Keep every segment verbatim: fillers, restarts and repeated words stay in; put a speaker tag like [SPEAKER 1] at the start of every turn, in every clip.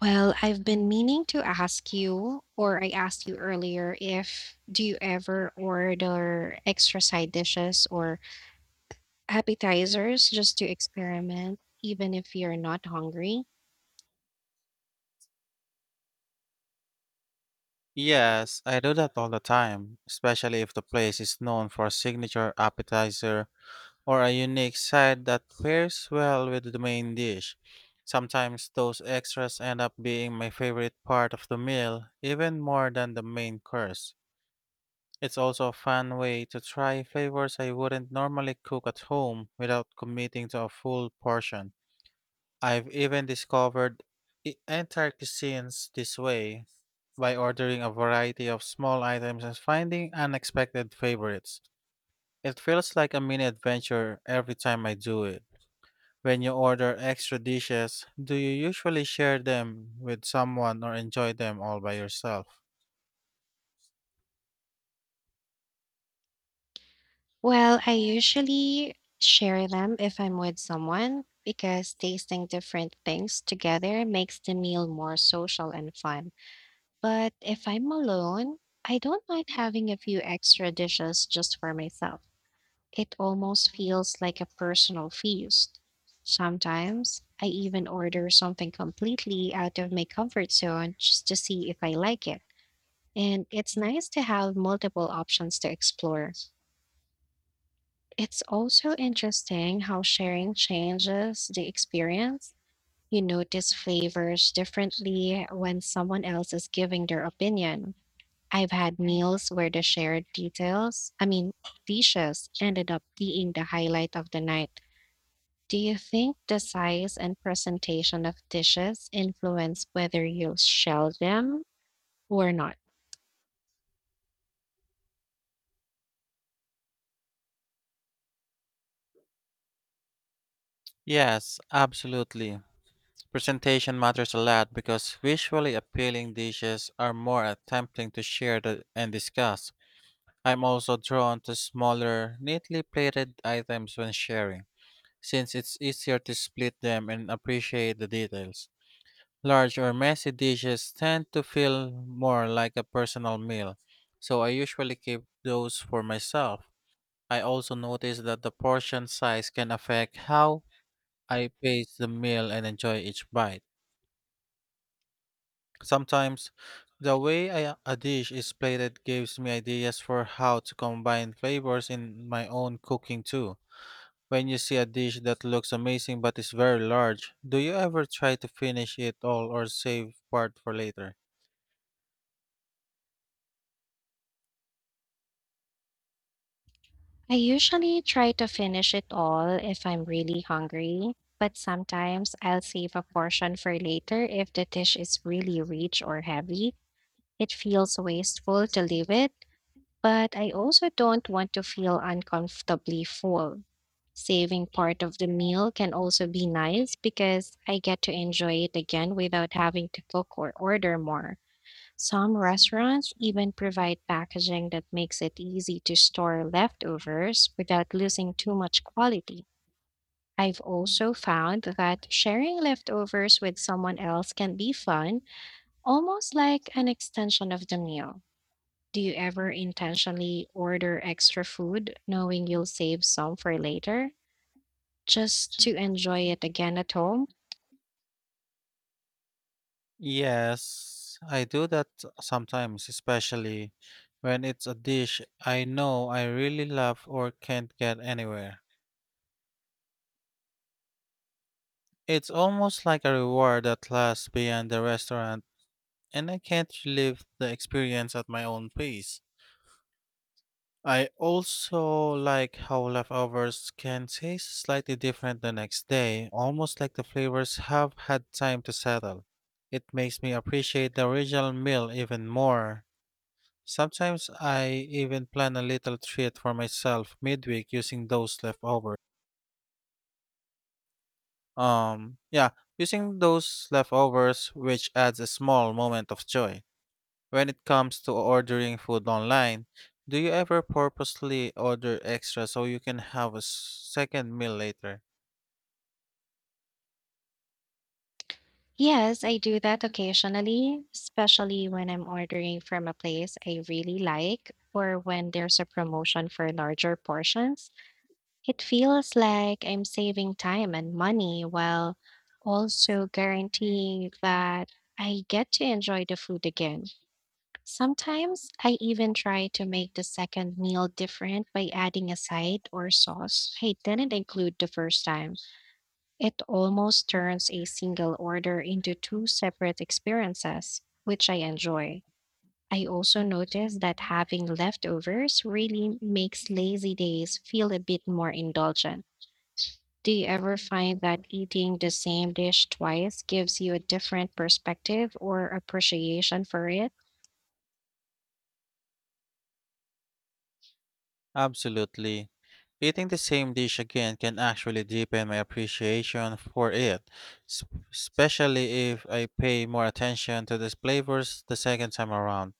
[SPEAKER 1] Well, I've been meaning to ask you, or I asked you earlier, if do you ever order extra side dishes or appetizers just to experiment, even if you're not hungry?
[SPEAKER 2] Yes, I do that all the time, especially if the place is known for a signature appetizer or a unique side that pairs well with the main dish. Sometimes those extras end up being my favorite part of the meal, even more than the main course. It's also a fun way to try flavors I wouldn't normally cook at home without committing to a full portion. I've even discovered e- entire cuisines this way, by ordering a variety of small items and finding unexpected favorites. It feels like a mini adventure every time I do it. When you order extra dishes, do you usually share them with someone or enjoy them all by yourself?
[SPEAKER 1] Well, I usually share them if I'm with someone because tasting different things together makes the meal more social and fun. But if I'm alone, I don't mind having a few extra dishes just for myself. It almost feels like a personal feast. Sometimes I even order something completely out of my comfort zone just to see if I like it. And it's nice to have multiple options to explore. It's also interesting how sharing changes the experience. You notice flavors differently when someone else is giving their opinion. I've had meals where the shared details, I mean, dishes, ended up being the highlight of the night. Do you think the size and presentation of dishes influence whether you'll shell them or not?
[SPEAKER 2] Yes, absolutely. Presentation matters a lot because visually appealing dishes are more tempting to share the, and discuss. I'm also drawn to smaller, neatly plated items when sharing since it's easier to split them and appreciate the details. Large or messy dishes tend to feel more like a personal meal, so I usually keep those for myself. I also notice that the portion size can affect how I pace the meal and enjoy each bite. Sometimes, the way I, a dish is plated gives me ideas for how to combine flavors in my own cooking too. When you see a dish that looks amazing but is very large, do you ever try to finish it all or save part for later?
[SPEAKER 1] I usually try to finish it all if I'm really hungry, but sometimes I'll save a portion for later if the dish is really rich or heavy. It feels wasteful to leave it, but I also don't want to feel uncomfortably full. Saving part of the meal can also be nice because I get to enjoy it again without having to cook or order more. Some restaurants even provide packaging that makes it easy to store leftovers without losing too much quality. I've also found that sharing leftovers with someone else can be fun, almost like an extension of the meal. Do you ever intentionally order extra food knowing you'll save some for later just to enjoy it again at home?
[SPEAKER 2] Yes, I do that sometimes, especially when it's a dish I know I really love or can't get anywhere. It's almost like a reward that lasts beyond the restaurant, and I can't relive the experience at my own pace. I also like how leftovers can taste slightly different the next day, almost like the flavors have had time to settle. It makes me appreciate the original meal even more. Sometimes I even plan a little treat for myself midweek using those leftovers. Um, yeah, using those leftovers, which adds a small moment of joy. When it comes to ordering food online, do you ever purposely order extra so you can have a s- second meal later?
[SPEAKER 1] Yes, I do that occasionally, especially when I'm ordering from a place I really like or when there's a promotion for larger portions. It feels like I'm saving time and money while also guaranteeing that I get to enjoy the food again. Sometimes I even try to make the second meal different by adding a side or sauce I didn't include the first time. It almost turns a single order into two separate experiences, which I enjoy. I also notice that having leftovers really makes lazy days feel a bit more indulgent. Do you ever find that eating the same dish twice gives you a different perspective or appreciation for it?
[SPEAKER 2] Absolutely. Eating the same dish again can actually deepen my appreciation for it, s- especially if I pay more attention to the flavors the second time around.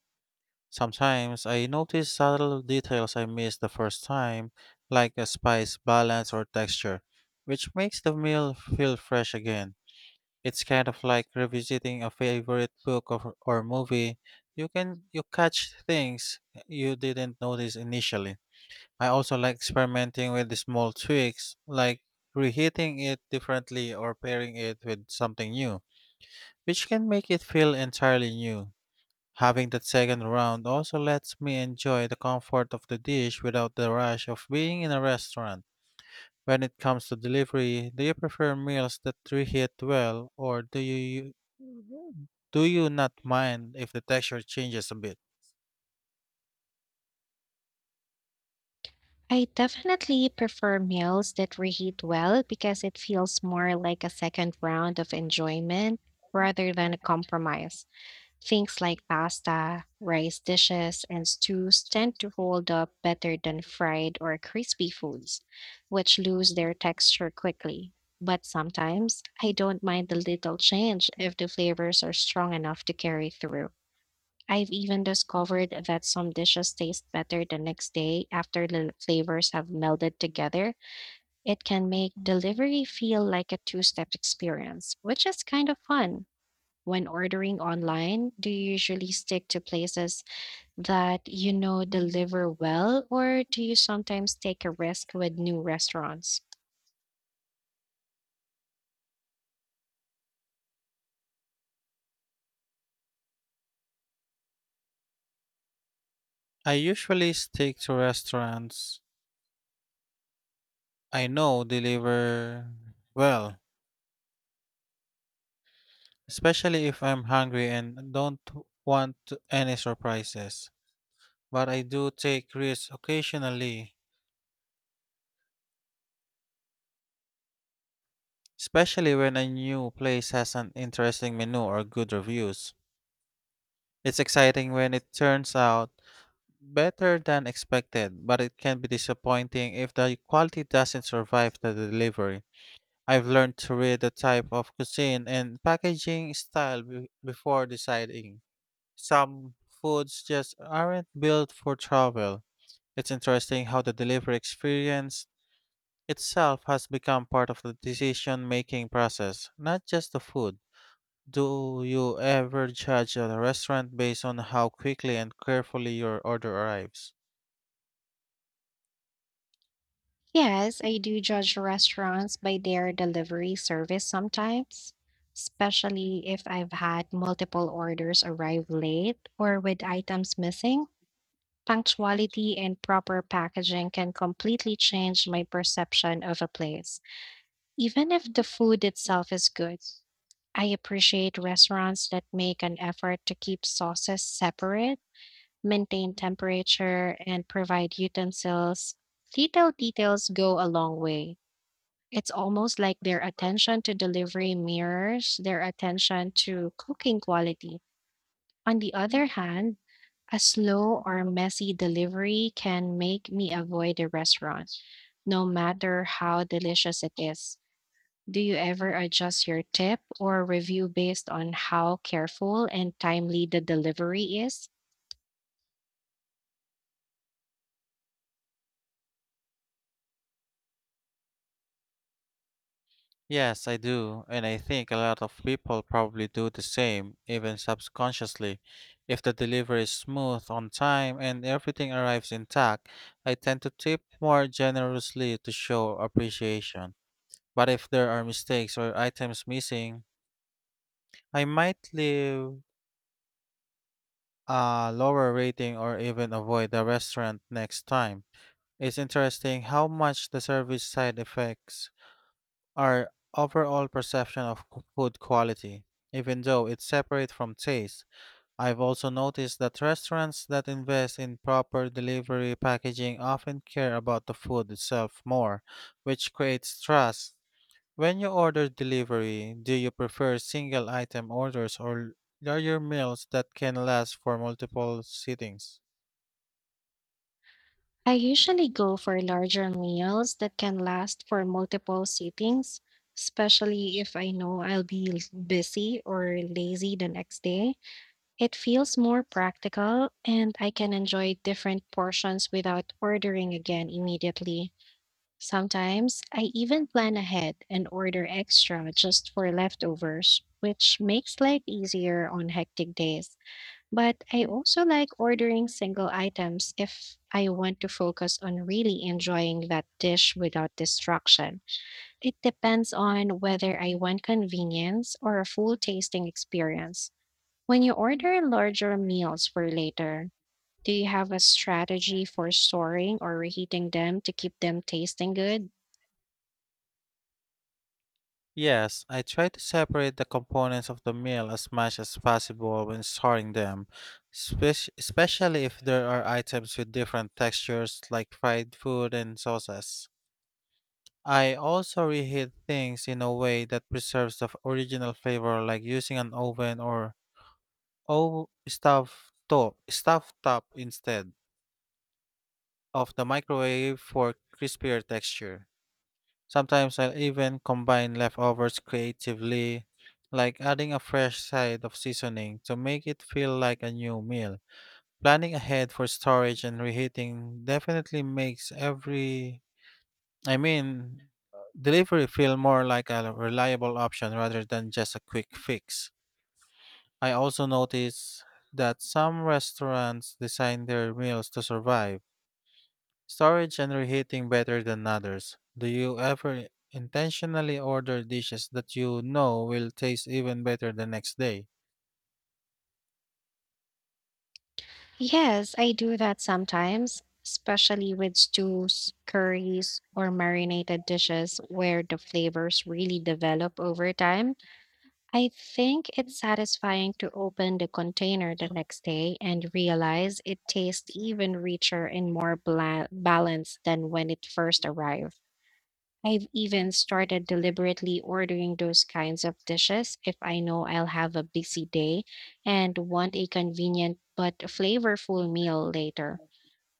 [SPEAKER 2] Sometimes I notice subtle details I missed the first time, like a spice balance or texture, which makes the meal feel fresh again. It's kind of like revisiting a favorite book or, or movie. You can you catch things you didn't notice initially. I also like experimenting with the small tweaks, like reheating it differently or pairing it with something new, which can make it feel entirely new. Having that second round also lets me enjoy the comfort of the dish without the rush of being in a restaurant. When it comes to delivery, do you prefer meals that reheat well, or do you do you not mind if the texture changes a bit?
[SPEAKER 1] I definitely prefer meals that reheat well because it feels more like a second round of enjoyment rather than a compromise. Things like pasta, rice dishes, and stews tend to hold up better than fried or crispy foods, which lose their texture quickly. But sometimes I don't mind the little change if the flavors are strong enough to carry through. I've even discovered that some dishes taste better the next day after the flavors have melded together. It can make delivery feel like a two step experience, which is kind of fun. When ordering online, do you usually stick to places that you know deliver well, or do you sometimes take a risk with new restaurants?
[SPEAKER 2] I usually stick to restaurants I know deliver well, especially if I'm hungry and don't want any surprises. But I do take risks occasionally, especially when a new place has an interesting menu or good reviews. It's exciting when it turns out better than expected, but it can be disappointing if the quality doesn't survive the delivery. I've learned to read the type of cuisine and packaging style be- before deciding. Some foods just aren't built for travel. It's interesting how the delivery experience itself has become part of the decision making process, not just the food. Do you ever judge a restaurant based on how quickly and carefully your order arrives?
[SPEAKER 1] Yes, I do judge restaurants by their delivery service sometimes, especially if I've had multiple orders arrive late or with items missing. Punctuality and proper packaging can completely change my perception of a place, even if the food itself is good. I appreciate restaurants that make an effort to keep sauces separate, maintain temperature, and provide utensils. Little details go a long way. It's almost like their attention to delivery mirrors their attention to cooking quality. On the other hand, a slow or messy delivery can make me avoid a restaurant, no matter how delicious it is. Do you ever adjust your tip or review based on how careful and timely the delivery is?
[SPEAKER 2] Yes, I do, and I think a lot of people probably do the same, even subconsciously. If the delivery is smooth, on time, and everything arrives intact, I tend to tip more generously to show appreciation. But if there are mistakes or items missing, I might leave a lower rating or even avoid the restaurant next time. It's interesting how much the service side affects our overall perception of qu- food quality. Even though it's separate from taste, I've also noticed that restaurants that invest in proper delivery packaging often care about the food itself more, which creates trust. When you order delivery, do you prefer single item orders or are your meals that can last for multiple sittings?
[SPEAKER 1] I usually go for larger meals that can last for multiple sittings, especially if I know I'll be l- busy or lazy the next day. It feels more practical and I can enjoy different portions without ordering again immediately. Sometimes I even plan ahead and order extra just for leftovers, which makes life easier on hectic days. But I also like ordering single items if I want to focus on really enjoying that dish without distraction. It depends on whether I want convenience or a full tasting experience. When you order larger meals for later, do you have a strategy for storing or reheating them to keep them tasting good?
[SPEAKER 2] Yes, I try to separate the components of the meal as much as possible when storing them, spec- especially if there are items with different textures like fried food and sauces. I also reheat things in a way that preserves the f- original flavor, like using an oven or o- stove top, stove top instead of the microwave for crispier texture. Sometimes I'll even combine leftovers creatively, like adding a fresh side of seasoning to make it feel like a new meal. Planning ahead for storage and reheating definitely makes every, I mean, delivery feel more like a reliable option rather than just a quick fix. I also notice that some restaurants design their meals to survive storage and reheating better than others. Do you ever intentionally order dishes that you know will taste even better the next day?
[SPEAKER 1] Yes, I do that sometimes, especially with stews, curries, or marinated dishes where the flavors really develop over time. I think it's satisfying to open the container the next day and realize it tastes even richer and more bla- balanced than when it first arrived. I've even started deliberately ordering those kinds of dishes if I know I'll have a busy day and want a convenient but flavorful meal later.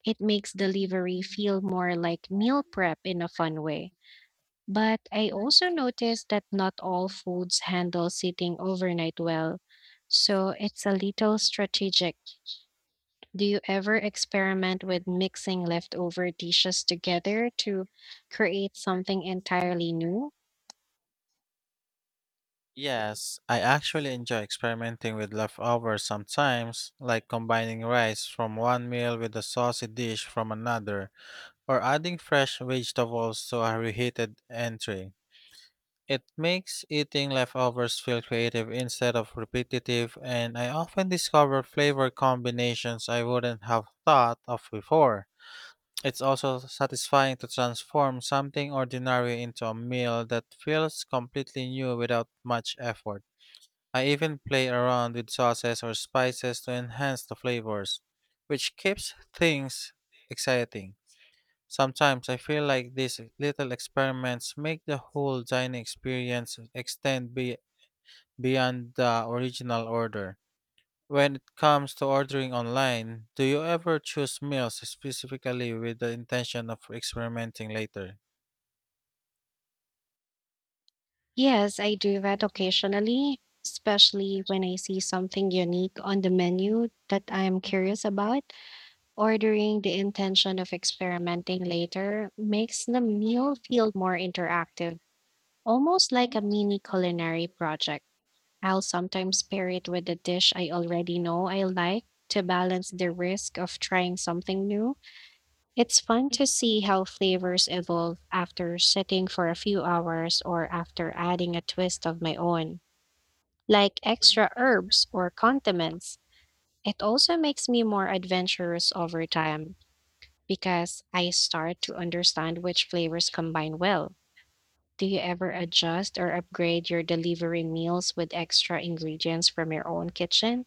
[SPEAKER 1] It makes delivery feel more like meal prep in a fun way. But I also noticed that not all foods handle sitting overnight well, so it's a little strategic. Do you ever experiment with mixing leftover dishes together to create something entirely new?
[SPEAKER 2] Yes, I actually enjoy experimenting with leftovers sometimes, like combining rice from one meal with a saucy dish from another, or adding fresh vegetables to a reheated entree. It makes eating leftovers feel creative instead of repetitive, and I often discover flavor combinations I wouldn't have thought of before. It's also satisfying to transform something ordinary into a meal that feels completely new without much effort. I even play around with sauces or spices to enhance the flavors, which keeps things exciting. Sometimes I feel like these little experiments make the whole dining experience extend be- beyond the original order. When it comes to ordering online, do you ever choose meals specifically with the intention of experimenting later?
[SPEAKER 1] Yes, I do that occasionally, especially when I see something unique on the menu that I am curious about. Ordering the intention of experimenting later makes the meal feel more interactive, almost like a mini culinary project. I'll sometimes pair it with a dish I already know I like to balance the risk of trying something new. It's fun to see how flavors evolve after sitting for a few hours or after adding a twist of my own, like extra herbs or condiments. It also makes me more adventurous over time because I start to understand which flavors combine well. Do you ever adjust or upgrade your delivery meals with extra ingredients from your own kitchen?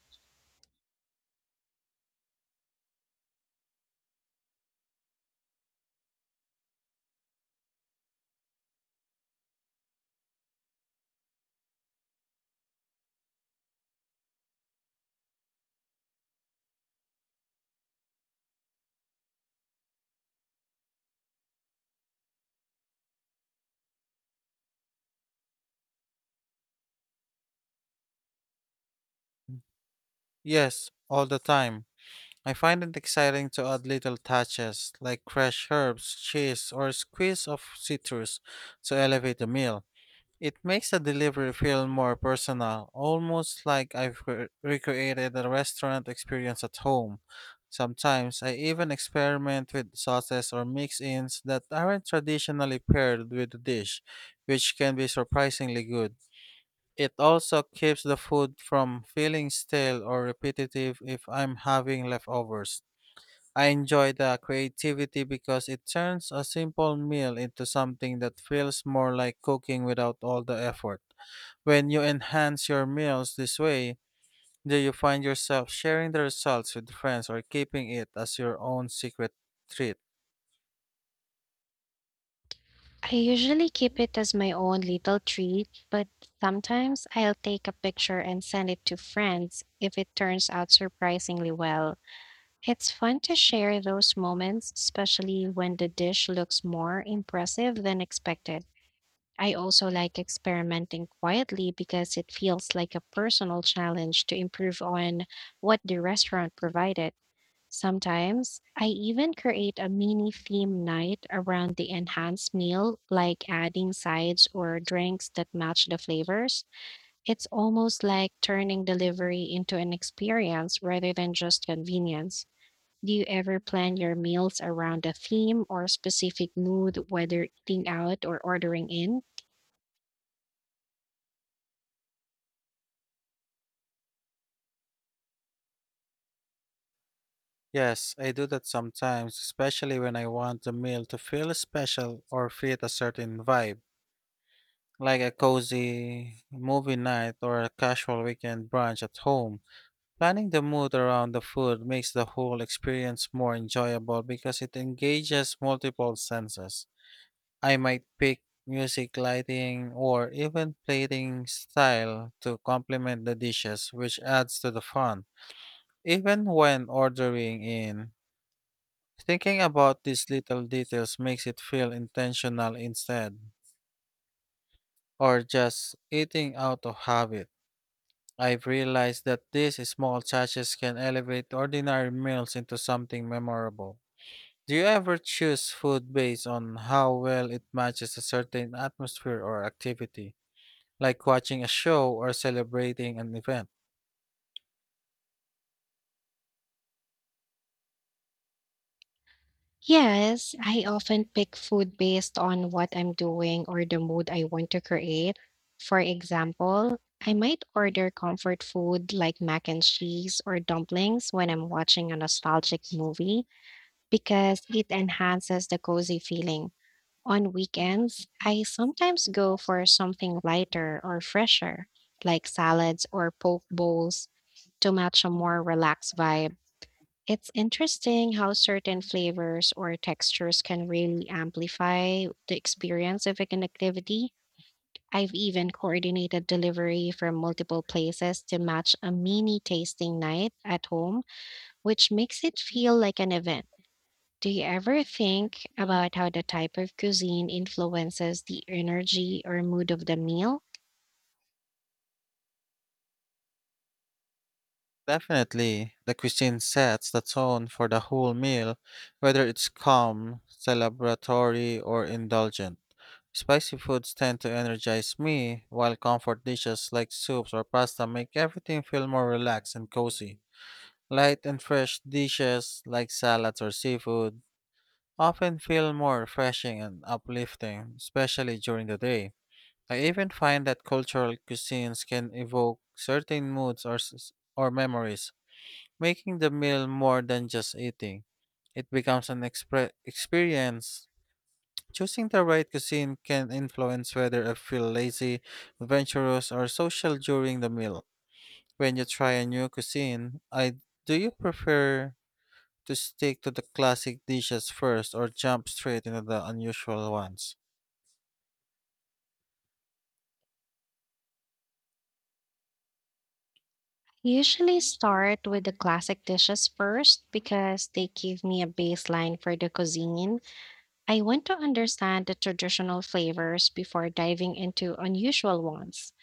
[SPEAKER 2] Yes, all the time. I find it exciting to add little touches like fresh herbs, cheese, or a squeeze of citrus to elevate the meal. It makes the delivery feel more personal, almost like I've re- recreated a restaurant experience at home. Sometimes I even experiment with sauces or mix ins that aren't traditionally paired with the dish, which can be surprisingly good. It also keeps the food from feeling stale or repetitive if I'm having leftovers. I enjoy the creativity because it turns a simple meal into something that feels more like cooking without all the effort. When you enhance your meals this way, do you find yourself sharing the results with friends or keeping it as your own secret treat?
[SPEAKER 1] I usually keep it as my own little treat, but sometimes I'll take a picture and send it to friends if it turns out surprisingly well. It's fun to share those moments, especially when the dish looks more impressive than expected. I also like experimenting quietly because it feels like a personal challenge to improve on what the restaurant provided. Sometimes I even create a mini theme night around the enhanced meal, like adding sides or drinks that match the flavors. It's almost like turning delivery into an experience rather than just convenience. Do you ever plan your meals around a theme or specific mood, whether eating out or ordering in?
[SPEAKER 2] Yes, I do that sometimes, especially when I want the meal to feel special or fit a certain vibe, like a cozy movie night or a casual weekend brunch at home. Planning the mood around the food makes the whole experience more enjoyable because it engages multiple senses. I might pick music, lighting, or even plating style to complement the dishes, which adds to the fun. Even when ordering in, thinking about these little details makes it feel intentional instead, or just eating out of habit. I've realized that these small touches can elevate ordinary meals into something memorable. Do you ever choose food based on how well it matches a certain atmosphere or activity, like watching a show or celebrating an event?
[SPEAKER 1] Yes, I often pick food based on what I'm doing or the mood I want to create. For example, I might order comfort food like mac and cheese or dumplings when I'm watching a nostalgic movie because it enhances the cozy feeling. On weekends, I sometimes go for something lighter or fresher, like salads or poke bowls, to match a more relaxed vibe. It's interesting how certain flavors or textures can really amplify the experience of an activity. I've even coordinated delivery from multiple places to match a mini tasting night at home, which makes it feel like an event. Do you ever think about how the type of cuisine influences the energy or mood of the meal?
[SPEAKER 2] Definitely, the cuisine sets the tone for the whole meal, whether it's calm, celebratory, or indulgent. Spicy foods tend to energize me, while comfort dishes like soups or pasta make everything feel more relaxed and cozy. Light and fresh dishes like salads or seafood often feel more refreshing and uplifting, especially during the day. I even find that cultural cuisines can evoke certain moods or, s- or memories, making the meal more than just eating. It becomes an expre- experience. Choosing the right cuisine can influence whether I feel lazy, adventurous, or social during the meal. When you try a new cuisine, I do you prefer to stick to the classic dishes first or jump straight into the unusual ones?
[SPEAKER 1] Usually start with the classic dishes first because they give me a baseline for the cuisine. I want to understand the traditional flavors before diving into unusual ones.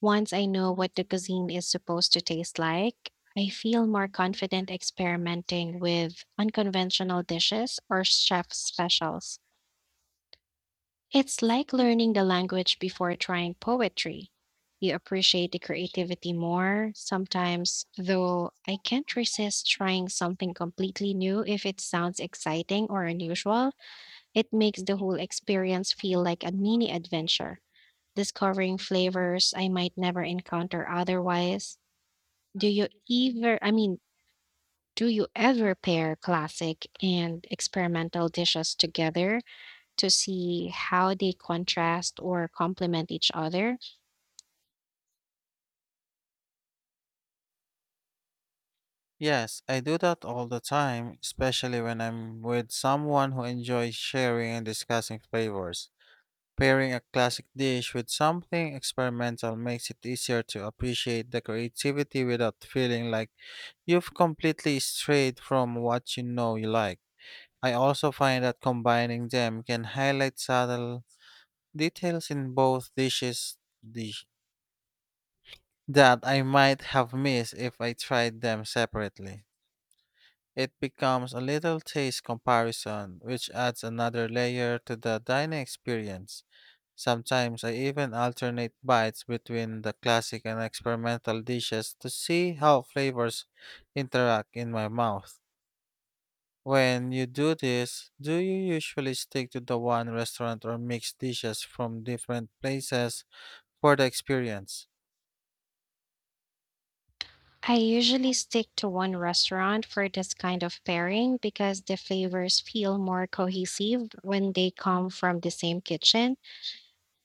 [SPEAKER 1] Once I know what the cuisine is supposed to taste like, I feel more confident experimenting with unconventional dishes or chef specials. It's like learning the language before trying poetry. You appreciate the creativity more sometimes, though I can't resist trying something completely new if it sounds exciting or unusual. It makes the whole experience feel like a mini adventure, discovering flavors I might never encounter otherwise. Do you ever, I mean, do you ever pair classic and experimental dishes together to see how they contrast or complement each other?
[SPEAKER 2] Yes, I do that all the time, especially when I'm with someone who enjoys sharing and discussing flavors. Pairing a classic dish with something experimental makes it easier to appreciate the creativity without feeling like you've completely strayed from what you know you like. I also find that combining them can highlight subtle details in both dishes dish- that I might have missed if I tried them separately. It becomes a little taste comparison, which adds another layer to the dining experience. Sometimes I even alternate bites between the classic and experimental dishes to see how flavors interact in my mouth. When you do this, do you usually stick to the one restaurant or mix dishes from different places for the experience?
[SPEAKER 1] I usually stick to one restaurant for this kind of pairing because the flavors feel more cohesive when they come from the same kitchen.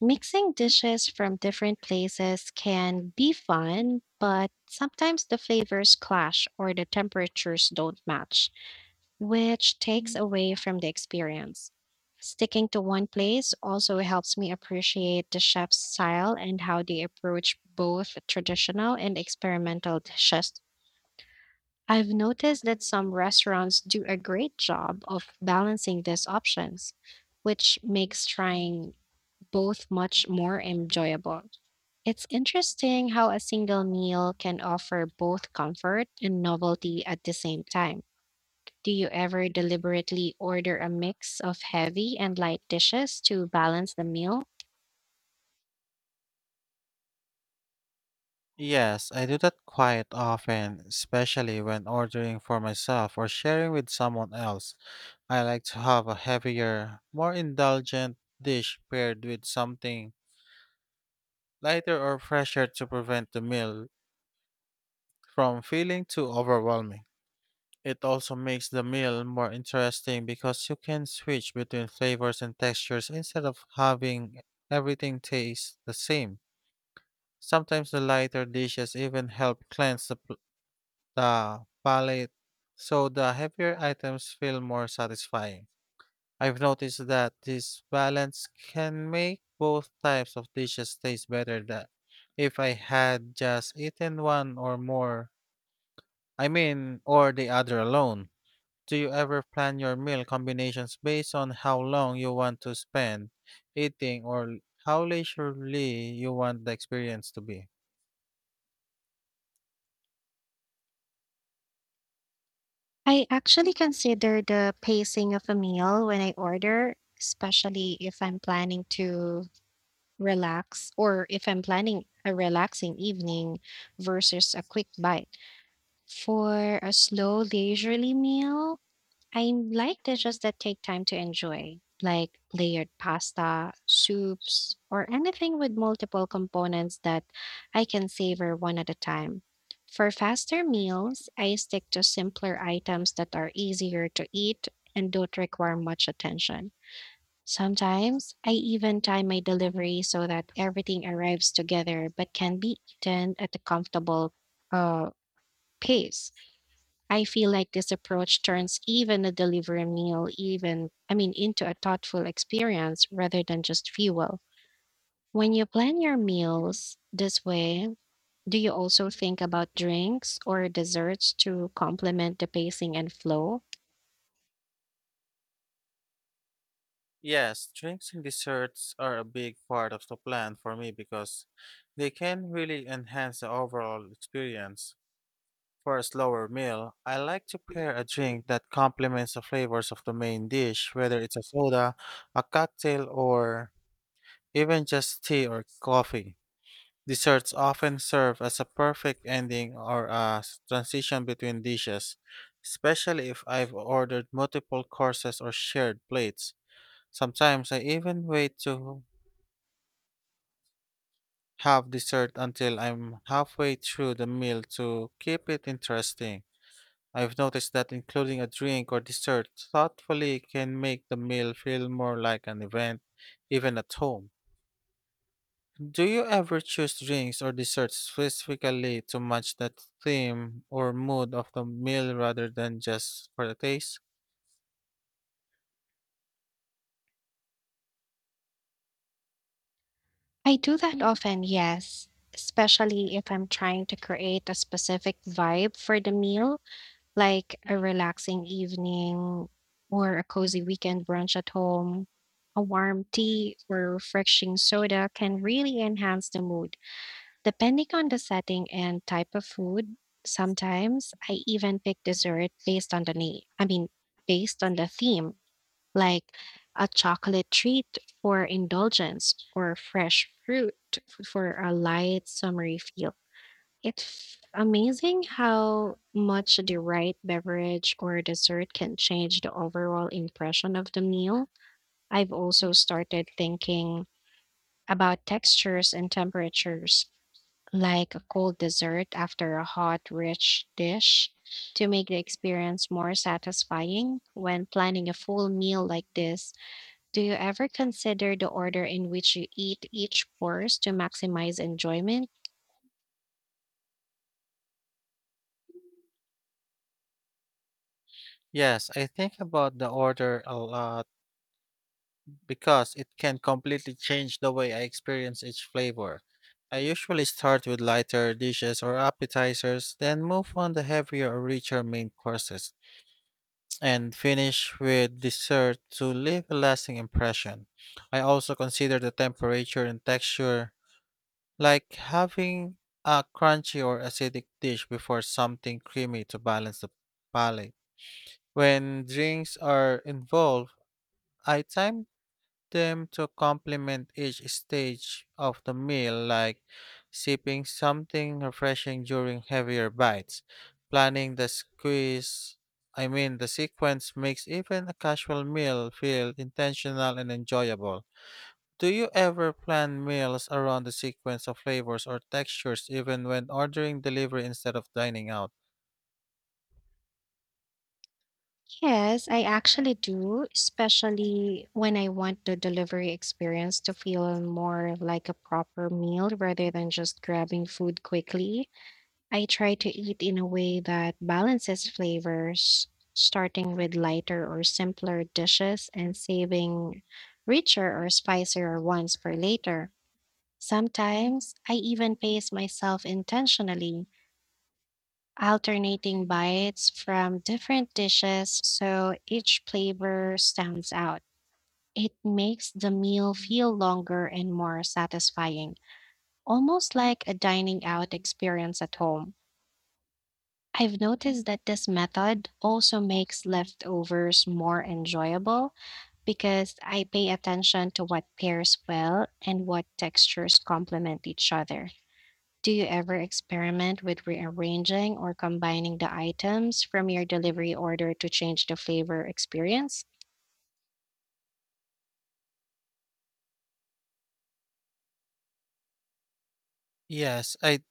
[SPEAKER 1] Mixing dishes from different places can be fun, but sometimes the flavors clash or the temperatures don't match, which takes away from the experience. Sticking to one place also helps me appreciate the chef's style and how they approach both traditional and experimental dishes. I've noticed that some restaurants do a great job of balancing these options, which makes trying both much more enjoyable. It's interesting how a single meal can offer both comfort and novelty at the same time. Do you ever deliberately order a mix of heavy and light dishes to balance the meal?
[SPEAKER 2] Yes, I do that quite often, especially when ordering for myself or sharing with someone else. I like to have a heavier, more indulgent dish paired with something lighter or fresher to prevent the meal from feeling too overwhelming. It also makes the meal more interesting because you can switch between flavors and textures instead of having everything taste the same. Sometimes the lighter dishes even help cleanse the, pl- the palate, so the heavier items feel more satisfying. I've noticed that this balance can make both types of dishes taste better than if I had just eaten one or more. I mean, or the other alone. Do you ever plan your meal combinations based on how long you want to spend eating or how leisurely you want the experience to be?
[SPEAKER 1] I actually consider the pacing of a meal when I order, especially if I'm planning to relax, or if I'm planning a relaxing evening versus a quick bite. For a slow, leisurely meal, I like dishes that take time to enjoy, like layered pasta, soups, or anything with multiple components that I can savor one at a time. For faster meals, I stick to simpler items that are easier to eat and don't require much attention. Sometimes I even time my delivery so that everything arrives together but can be eaten at a comfortable uh, pace. I feel like this approach turns even a delivery meal, even I mean, into a thoughtful experience rather than just fuel. When you plan your meals this way, do you also think about drinks or desserts to complement the pacing and flow?
[SPEAKER 2] Yes, drinks and desserts are a big part of the plan for me because they can really enhance the overall experience. For a slower meal, I like to pair a drink that complements the flavors of the main dish, whether it's a soda, a cocktail, or even just tea or coffee. Desserts often serve as a perfect ending or a s- transition between dishes, especially if I've ordered multiple courses or shared plates. Sometimes I even wait to have dessert until I'm halfway through the meal to keep it interesting. I've noticed that including a drink or dessert thoughtfully can make the meal feel more like an event, even at home. Do you ever choose drinks or desserts specifically to match the theme or mood of the meal rather than just for the taste?
[SPEAKER 1] I do that often, yes, especially if I'm trying to create a specific vibe for the meal, like a relaxing evening or a cozy weekend brunch at home. A warm tea or refreshing soda can really enhance the mood. Depending on the setting and type of food, sometimes I even pick dessert based on the name. I mean, based on the theme, like a chocolate treat for indulgence or fresh fruit f- for a light, summery feel. It's amazing how much the right beverage or dessert can change the overall impression of the meal. I've also started thinking about textures and temperatures, like a cold dessert after a hot, rich dish, to make the experience more satisfying. When planning a full meal like this, do you ever consider the order in which you eat each course to maximize enjoyment?
[SPEAKER 2] Yes, I think about the order a lot because it can completely change the way I experience each flavor. I usually start with lighter dishes or appetizers, then move on to heavier or richer main courses, and finish with dessert to leave a lasting impression. I also consider the temperature and texture, like having a crunchy or acidic dish before something creamy to balance the palate. When drinks are involved, I time them to complement each stage of the meal, like sipping something refreshing during heavier bites. Planning the squeeze, I mean, the sequence makes even a casual meal feel intentional and enjoyable. Do you ever plan meals around the sequence of flavors or textures, even when ordering delivery instead of dining out?
[SPEAKER 1] Yes, I actually do, especially when I want the delivery experience to feel more like a proper meal rather than just grabbing food quickly. I try to eat in a way that balances flavors, starting with lighter or simpler dishes and saving richer or spicier ones for later. Sometimes I even pace myself intentionally, alternating bites from different dishes so each flavor stands out. It makes the meal feel longer and more satisfying, almost like a dining out experience at home. I've noticed that this method also makes leftovers more enjoyable because I pay attention to what pairs well and what textures complement each other. Do you ever experiment with rearranging or combining the items from your delivery order to change the flavor experience?
[SPEAKER 2] Yes, I